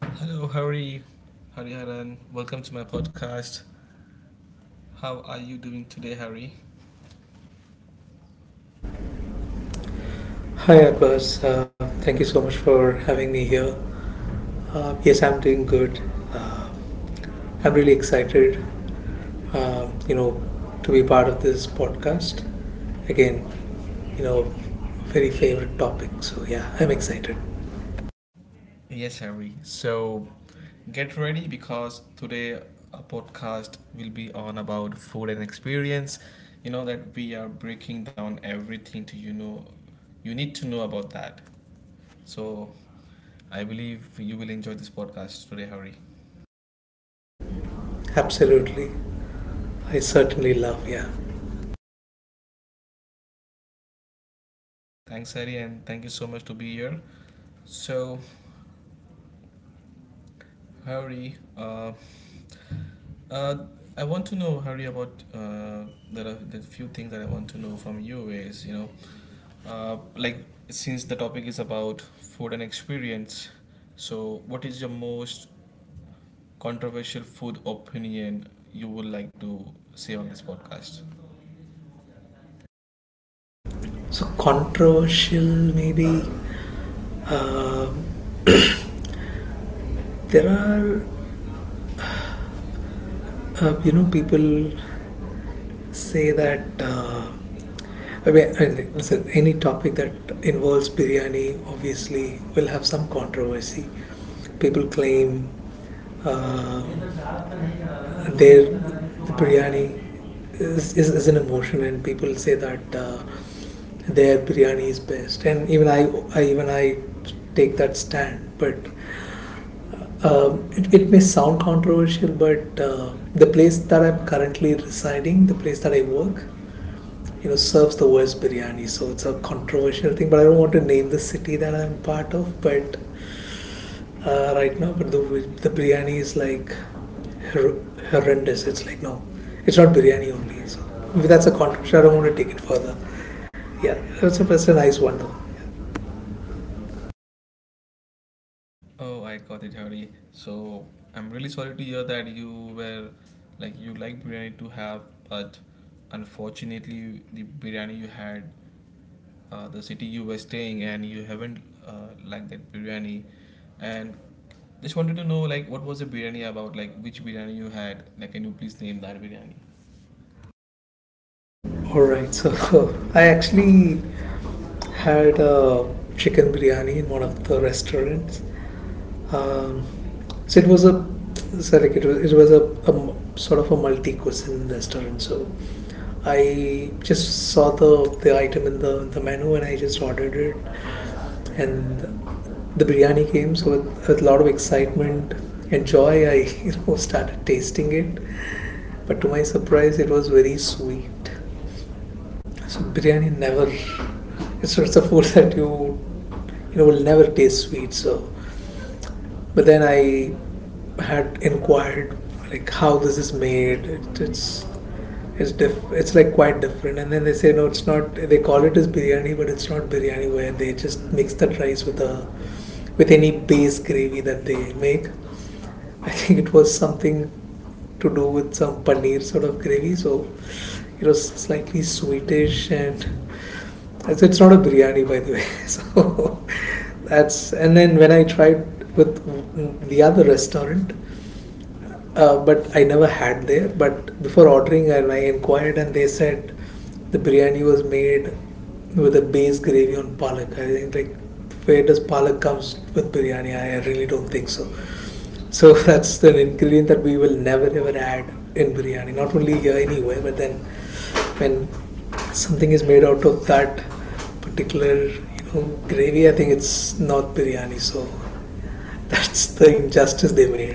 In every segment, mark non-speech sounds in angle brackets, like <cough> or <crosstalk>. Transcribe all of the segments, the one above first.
Hello, Harry. Harry Haran. Welcome to my podcast. How are you doing today, Harry? Hi, Arbaz. Thank you so much for having me here. Yes, I'm doing good. Uh, I'm really excited, um, you know, to be part of this podcast. Again, you know, very favorite topic. So yeah, I'm excited. Yes, Harry. So get ready because today our podcast will be on about food and experience. You know that we are breaking down everything to you need to know about that. So I believe you will enjoy this podcast today, Harry. Absolutely, I certainly love. Yeah. Thanks, Harry, and thank you so much to be here. So, Harry, Uh, I want to know, Harry, about there are the few things that I want to know from you is, like since the topic is about food and experience, so what is your most controversial food opinion you would like to say on this podcast? So controversial, maybe. Um there are, you know, people say that. I listen, any topic that involves biryani obviously will have some controversy. People claim uh, their the biryani is an emotion, and people say that their biryani is best. And even I take that stand, but. uh, Um, it, it may sound controversial, but the place that I'm currently residing, the place that I work, you know, serves the worst biryani. So it's a controversial thing, but I don't want to name the city that I'm part of. But right now, the biryani is like hor- horrendous. It's like no, it's not biryani only. So that's a controversy, I don't want to take it further. Yeah, it's a nice one though. Oh, I got it, Hari. So I'm really sorry to hear that you were like you like biryani to have, but unfortunately the biryani you had, the city you were staying, and you haven't liked that biryani. And just wanted to know like what was the biryani about? Like which biryani you had? Like can you please name that biryani? All right, so <laughs> I actually had a chicken biryani in one of the restaurants. Um, so it was a so like it was it was a sort of a multi cuisine restaurant. So I just saw the item in the menu and I just ordered it, and the biryani came. So with, a lot of excitement and joy, I <laughs> you know started tasting it. But to my surprise, it was very sweet. So biryani never it's, it's a food <laughs> that you know will never taste sweet. So but then I had inquired like how this is made. It's like quite different. And then they say no, it's not. They call it as biryani, but it's not biryani, where they just mix that rice with a with any base gravy that they make. I think it was something to do with some paneer sort of gravy, so it was slightly sweetish and it's not a biryani, by the way. <laughs> So that's, and then when I tried with the other restaurant, but I never had there. But before ordering, I inquired and they said the biryani was made with a base gravy on palak. I think like where does palak comes with biryani? I really don't think so. <laughs> So that's an ingredient that we will never ever add in biryani. Not only here anywhere, but then when something is made out of that particular you know gravy, I think it's not biryani. So <laughs> that's the injustice they made.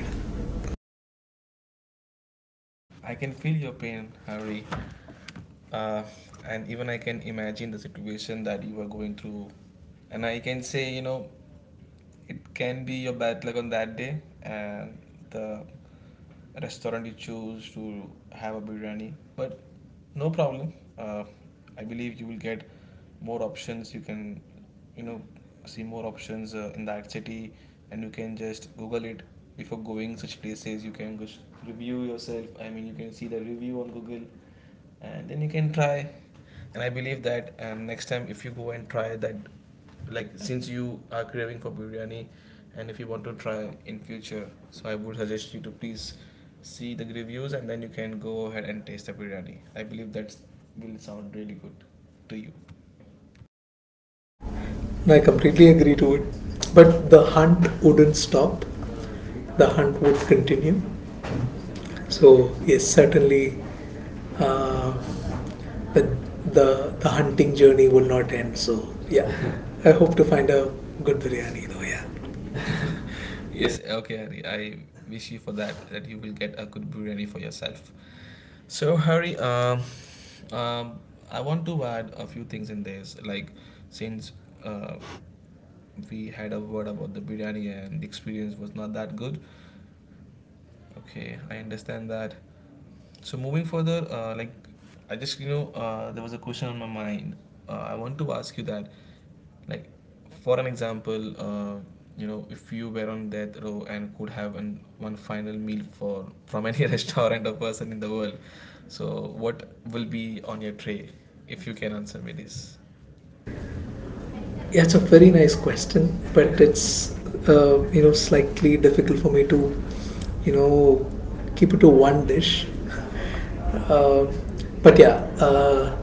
I can feel your pain, Hari. Uh, and even I can imagine the situation that you are going through. And I can say, you know, it can be your bad luck on that day and the restaurant you choose to have a biryani. But no problem. I believe you will get more options. You can you know see more options in that city, and you can just google it before going such places. You can just review yourself. I mean, you can see the review on google, and then you can try, and I believe that next time if you go and try that, like since you are craving for biryani and if you want to try in future, so I would suggest you to please see the reviews and then you can go ahead and taste the biryani. I believe that will sound really good to you. I completely agree to it. But the hunt wouldn't stop, the hunt would continue. So, yes, certainly uh, the, the hunting journey will not end. So, yeah, I hope to find a good biryani though, yeah. <laughs> Yes, okay, Hari. I wish you for that, that you will get a good biryani for yourself. So, Hari, um, I want to add a few things in this. Like, since uh, we had a word about the biryani and the experience was not that good, okay, I understand that. So moving further, like I just there was a question on my mind. I want to ask you that, like for an example, if you were on death row and could have one final meal for from any <laughs> restaurant or person in the world, so what will be on your tray if you can answer me this? Yeah, it's a very nice question, but it's you know slightly difficult for me to you know keep it to one dish. <laughs> Uh, but yeah, uh,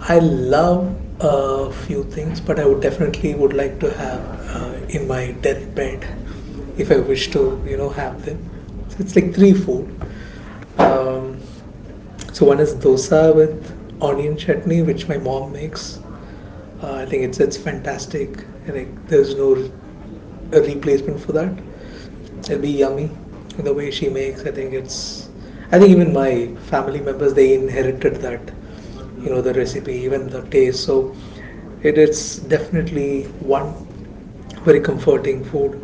I love a few things, but I would definitely would like to have in my deathbed if I wish to, you know, have them. So it's like three food. Um, so one is dosa with onion chutney, which my mom makes. I think it's fantastic. Like there's no replacement for that. It'll be yummy. The way she makes, I think it's. I think even my family members they inherited that, you know, the recipe, even the taste. So, it is definitely one very comforting food.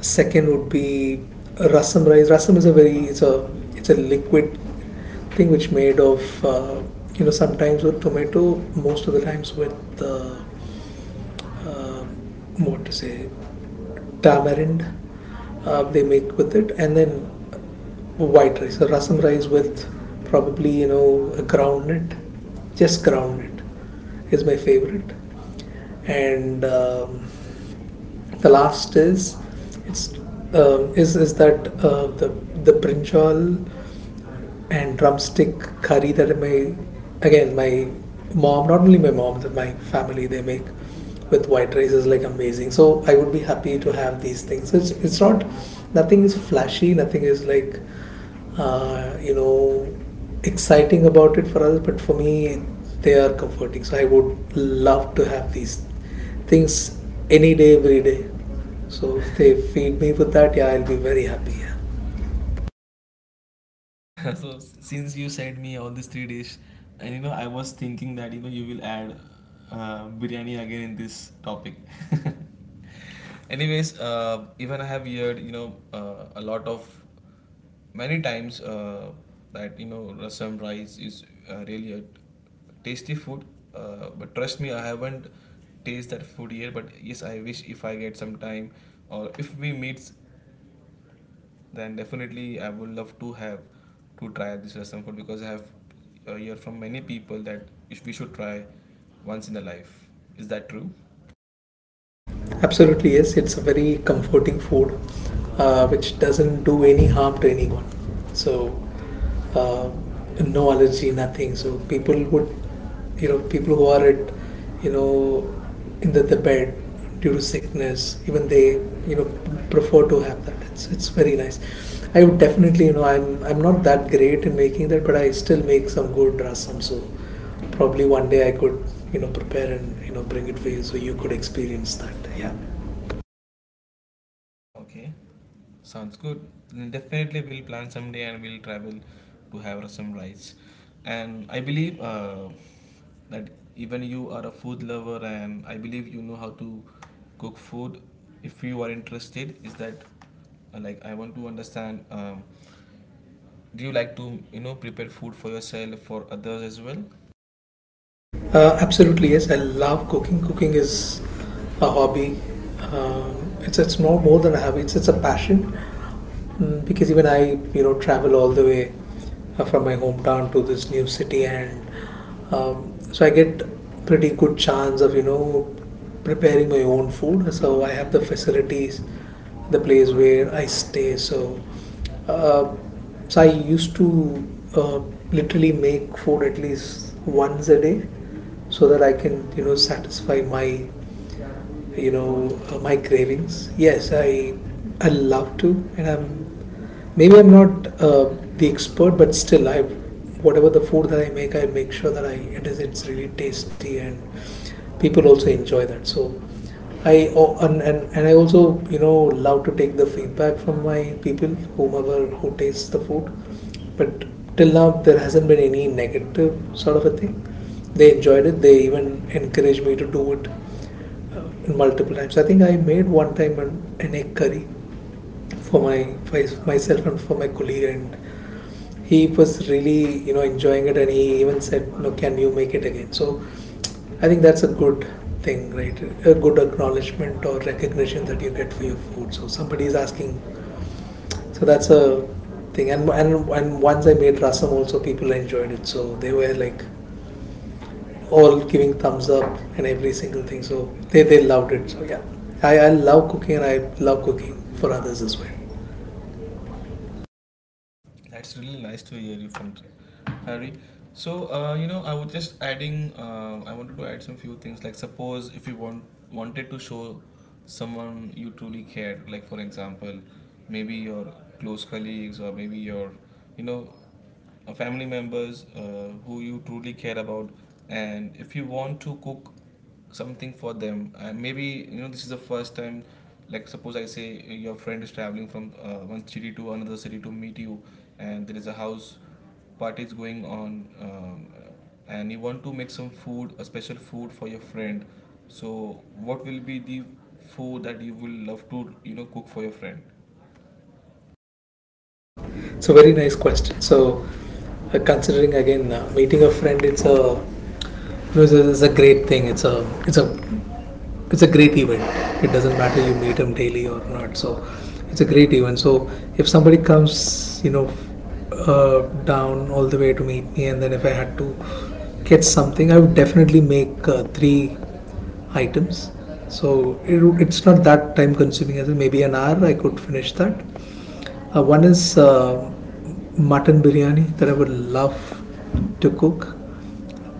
Second would be rasam rice. Rasam is a very it's a liquid thing which made of you know sometimes with tomato, most of the times with uh, uh, what to say tamarind they make with it, and then white rice, a rasam rice with probably you know a groundnut, just groundnut is my favorite, and the last is it's is that the brinjal and drumstick curry that my again my mom, not only my mom but my family, they make with white rice is like amazing. So I would be happy to have these things. It's not, nothing is flashy, nothing is like you know exciting about it for others, but for me they are comforting. So I would love to have these things any day, every day. So if they feed me with that, yeah, I'll be very happy. Yeah. <laughs> Since you said me all these three dish, and you know I was thinking that you know you will add biryani again in this topic. <laughs> Anyways, even I have heard a lot of many times that you know rasam rice is really a tasty food. But trust me, I haven't taste that food yet. But yes, I wish if I get some time or if we meet, then definitely I would love to have to try this Assam food, because I have heard from many people that if we should try once in a life. Is that true? Absolutely, yes. It's a very comforting food which doesn't do any harm to anyone. So, uh, no allergy, nothing. So, people would, you know, people who are at, you know, in the bed due to sickness, even they, you know, prefer to have that. It's very nice. I would definitely, you know, I'm not that great in making that, but I still make some good rasam. So, probably one day I could you know prepare and you know bring it for you so you could experience that. Yeah. Okay, sounds good. Definitely, we'll plan someday and we'll travel to have some rides. And I believe that even you are a food lover, and I believe you know how to cook food. If you are interested, is that like I want to understand? Do you like to prepare food for yourself for others as well? Absolutely, yes. I love cooking. Cooking is a hobby. It's more than a hobby. It's a passion. Because even I, you know, travel all the way from my hometown to this new city, and so I get pretty good chance of you know preparing my own food. So I have the facilities, the place where I stay. So. Uh, so I used to uh, literally make food at least once a day so that I can you know satisfy my my cravings. Yes, I love to, and I'm Maybe I'm not the expert, but still, I whatever the food that I make sure that I it is it's really tasty and people also enjoy that. So I oh, and I also you know love to take the feedback from my people, whomever who tastes the food. But till now, there hasn't been any negative sort of a thing. They enjoyed it. They even encouraged me to do it uh, multiple times. I think I made one time an egg curry for my for myself and for my colleague, and he was really you know enjoying it, and he even said no, can you make it again? So I think that's a good thing, right? A good acknowledgement or recognition that you get for your food, so somebody is asking. So that's a thing. And and once I made rasam also people enjoyed it, so they were like all giving thumbs up and every single thing. So they loved it. So yeah, I love cooking, and I love cooking for others as well. That's really nice to hear you from Harry. So you know, I was just adding. I wanted to add some few things. Like suppose if you wanted to show someone you truly cared, like for example, maybe your close colleagues or maybe your, you know, family members who you truly care about, and if you want to cook something for them, maybe you know this is the first time, like suppose I say your friend is traveling from one city to another city to meet you, and there is a house party is going on, and you want to make some food, a special food for your friend. So what will be the food that you will love to cook for your friend? It's a very nice question. So, considering again meeting a friend, it's a great thing. It's a it's a great event. It doesn't matter you meet him daily or not. So, it's a great event. So, if somebody comes, you know, down all the way to meet me, and then if I had to get something, I would definitely make three items. So it's not that time consuming as well. Maybe an hour I could finish that. One is mutton biryani that I would love to cook.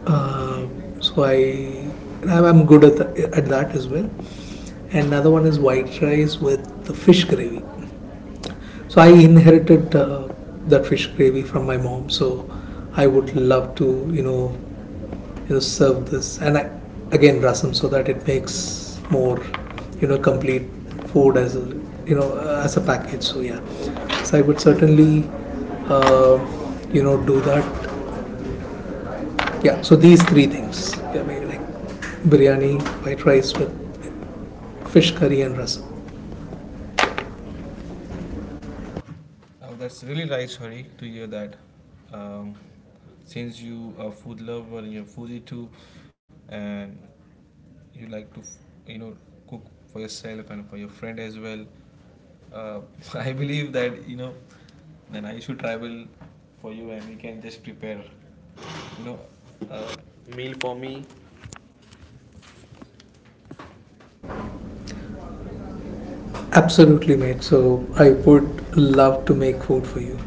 Uh, so I I'm good at, at that as well. And another one is white rice with the fish gravy. So I inherited that fish gravy from my mom. So I would love to you know serve this, and again rasam so that it makes more you know complete food as a as a package. So yeah, so I would certainly uh, you know do that. Yeah, so these three things, yeah, maybe like biryani, white rice with fish curry, and rasam. Oh, that's really nice, Hari, to hear that. Um, since you are food lover and you're foodie too, and you like to, you know, cook for yourself and for your friend as well, uh, <laughs> I believe that you know, then I should travel for you and we can just prepare, you know, a meal for me. Absolutely mate, so I would love to make food for you.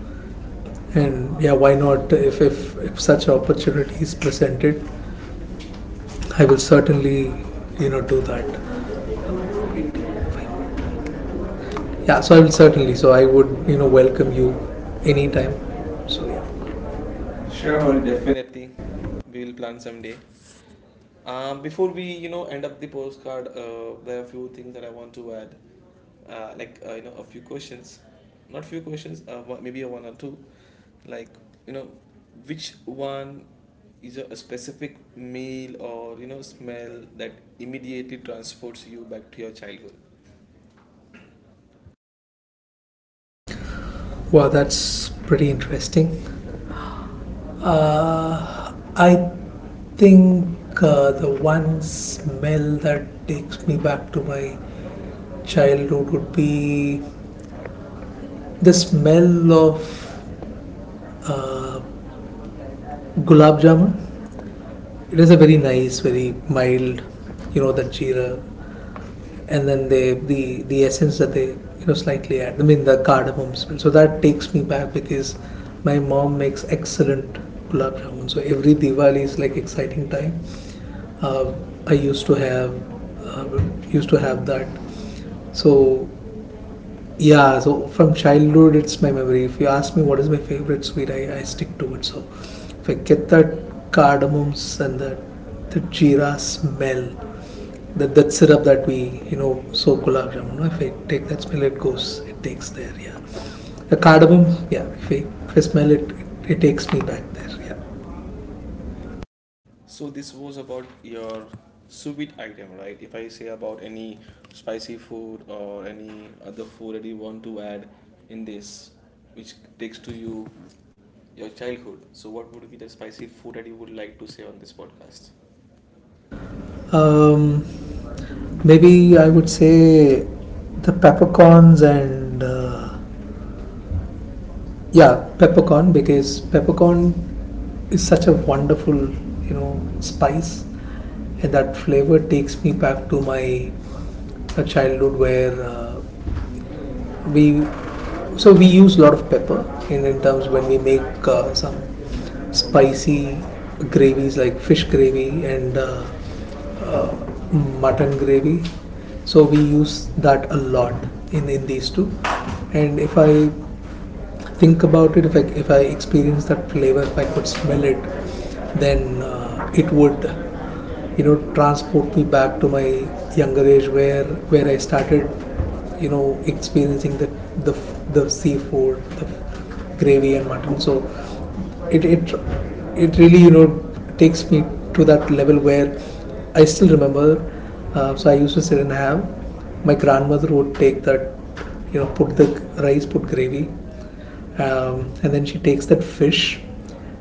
And yeah, why not? If if such opportunity is presented, I will certainly you know do that. Yeah, so I will certainly. So I would, you know, welcome you anytime. So yeah. Sure, Sure, Hori, well, definitely. definitely. We will plan someday. Before we, you know, end up the postcard, there are a few things that I want to add, you know, a few questions, not few questions, maybe a one or two, like you know, which one is a specific meal or you know smell that immediately transports you back to your childhood? Wow, that's pretty interesting. I think the one smell that takes me back to my childhood would be the smell of uh, gulab jamun. It is a very nice, very mild, you know, that jeera, and then they the essence that they you know slightly add. I mean the cardamom smell. So that takes me back because my mom makes excellent gulab jamun. So every Diwali is like exciting time. Uh, I uh, used to have that. So yeah, so from childhood it's my memory. If you ask me what is my favorite sweet, I stick to it. So if I get that cardamoms and that the jeera smell, that syrup that we, you know, soak gulab jamun, no? If I take that smell, it goes, it takes there, yeah. The cardamom, yeah, if I smell it, takes me back there, yeah. So this was about your sous vide item, right? If I say about any spicy food or any other food that you want to add in this, which takes to you your childhood. So what would be the spicy food that you would like to say on this podcast? Um, Maybe I would say the peppercorns and, yeah, peppercorn, because peppercorn is such a wonderful, you know, spice, and that flavor takes me back to my a childhood where we we use a lot of pepper in terms when we make some spicy gravies like fish gravy and uh, mutton gravy, so we use that a lot in these two. And if I think about it, if I experience that flavor, if I could smell it, then it would, you know, transport me back to my younger age where I started, you know, experiencing the, the seafood, the gravy and mutton. So it, it it really, you know, takes me to that level where I still remember. So I used to sit and have, my grandmother would take that, you know, put the rice, put gravy, and then she takes that fish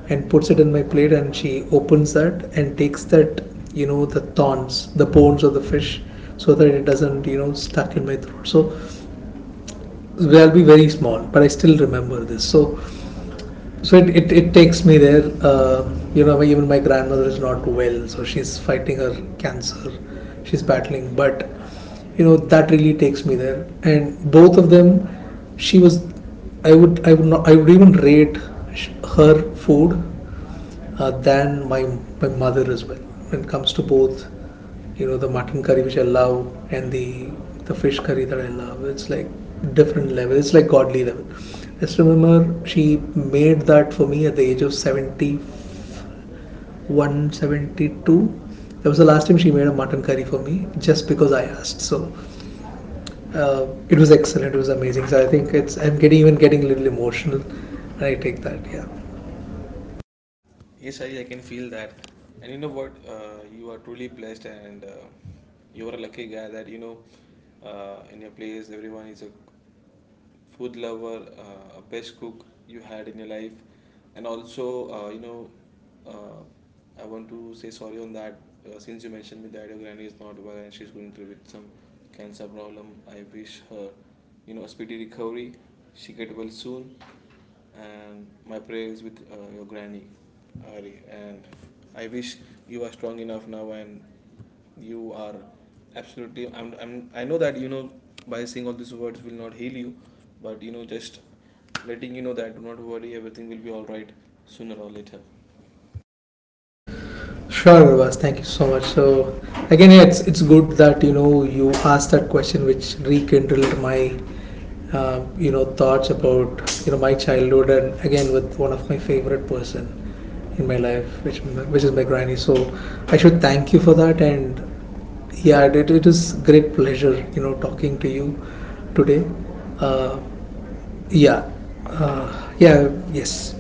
and puts it in my plate, and she opens that and takes that, you know, the thorns, the bones of the fish, so that it doesn't, you know, stuck in my throat. So they'll be very small, but I still remember this. So it takes me there. You know, even my grandmother is not well, so she's fighting her cancer. She's battling, but you know, that really takes me there. And both of them, she was. I would not I would even rate sh- her food than my mother as well. When it comes to both, you know, the mutton curry which I love and the fish curry that I love, it's like different level. It's like godly level. I still remember she made that for me at the age of 71, 72. That was the last time she made a mutton curry for me, just because I asked. So it was excellent. It was amazing. So I think it's I'm getting even getting a little emotional, and I take that. Yeah. Yes, Hari, I can feel that. And you know what? You are truly blessed, and you are a lucky guy that you know in your place everyone is a food lover, a best cook you had in your life, and also I want to say sorry on that. Since you mentioned me that your granny is not well and she's going through with some cancer problem, I wish her you know a speedy recovery. She get well soon, and my prayers with your granny, Ari. And I wish you are strong enough now, and you are absolutely. I'm, I'm. I know that you know by saying all these words will not heal you, but you know just letting you know that do not worry, everything will be all right sooner or later. Sure, Arvaz, thank you so much. So again, yeah, it's good that you know you asked that question, which rekindled my you know, thoughts about, you know, my childhood, and again with one of my favorite person in my life, which is my granny. So I should thank you for that, and yeah, it is great pleasure, you know, talking to you today. Uh, yeah, yeah, yes,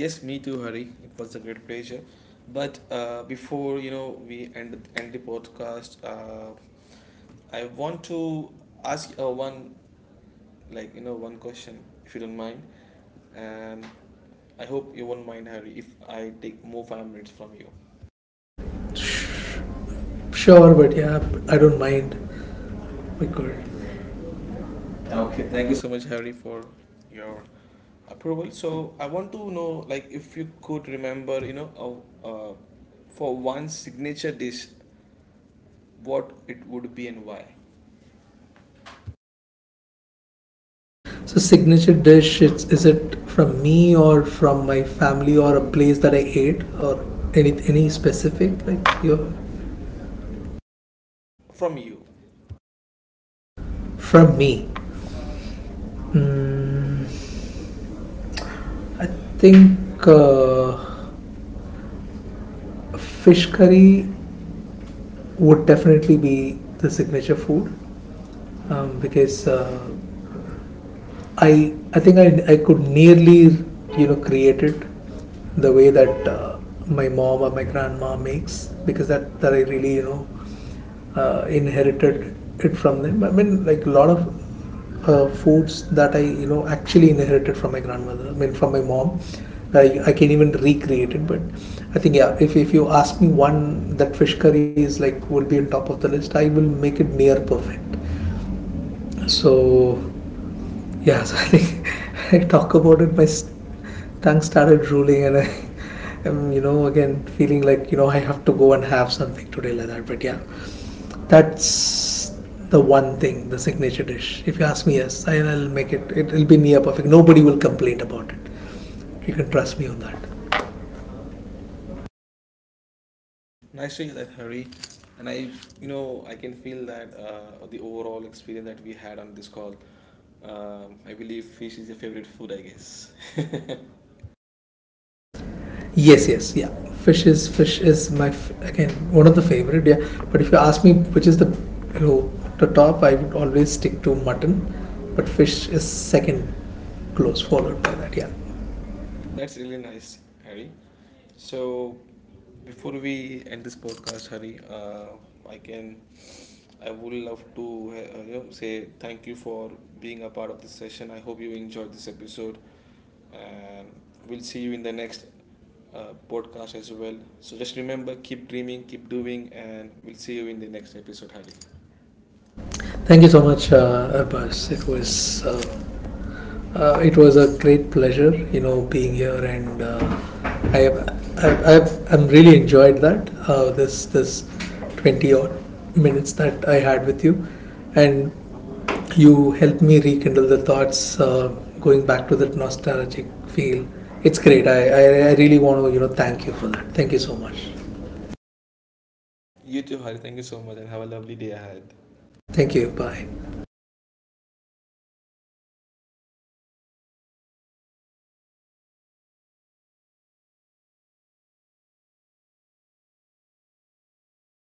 Yes, me too, Hari. It was a great pleasure. But before you know we end the podcast, I want to ask one, like you know one question, if you don't mind, and I hope you won't mind, Hari, if I take more 5 minutes from you. sure, but yeah, I don't mind. We could. Okay, Okay, thank thank you you. so much, Harry, for your approval. So I want to know, like, if you could remember, you know, uh, uh, for one signature dish, what it would be and why. So signature dish, is it from me or from my family or a place that I ate or any specific, like your From you. from me? Mm, I think fish curry would definitely be the signature food because I think I could nearly, you know, create it the way that my mom or my grandma makes, because that I really, you know, inherited it from them. I mean, like a lot of foods that I, you know, actually inherited from my grandmother. I mean, from my mom. I can even recreate it. But I think yeah, if you ask me one, that fish curry is like, will be on top of the list. I will make it near perfect. So yeah, <laughs> so I think <laughs> I talk about it, my tongue started drooling, and I <laughs> am, you know, again feeling like, you know, I have to go and have something today like that. But yeah, that's the one thing, the signature dish. If you ask me, yes, will make it. It'll be near perfect. Nobody will complain about it. You can trust me on that. Nice to hear that, Hari. And I, you know, I can feel that the overall experience that we had on this call. I believe fish is your favorite food, I guess. <laughs> Yes, yes, yeah. Fish is my again, one of the favorite. Yeah, but if you ask me which is the, you know, the top, I would always stick to mutton, but fish is second, close followed by that. Yeah. That's really nice, Harry. So before we end this podcast, Harry, I can, I would love to, you know, say thank you for being a part of this session. I hope you enjoyed this episode, and we'll see you in the next podcast as well. So just remember, keep dreaming, keep doing, and we'll see you in the next episode, Hari. Thank you Thank you so so much, much, Arbaz. It Parvez. was. It was a great pleasure, you know, being here, and I, I'm really enjoyed that this 20 odd minutes that I had with you, and you helped me rekindle the thoughts going back to that nostalgic feel. It's great. I really want to, you know, thank you for that. Thank you so much. You too, Hari. Thank you so much, and have a lovely day ahead. Thank you. Bye.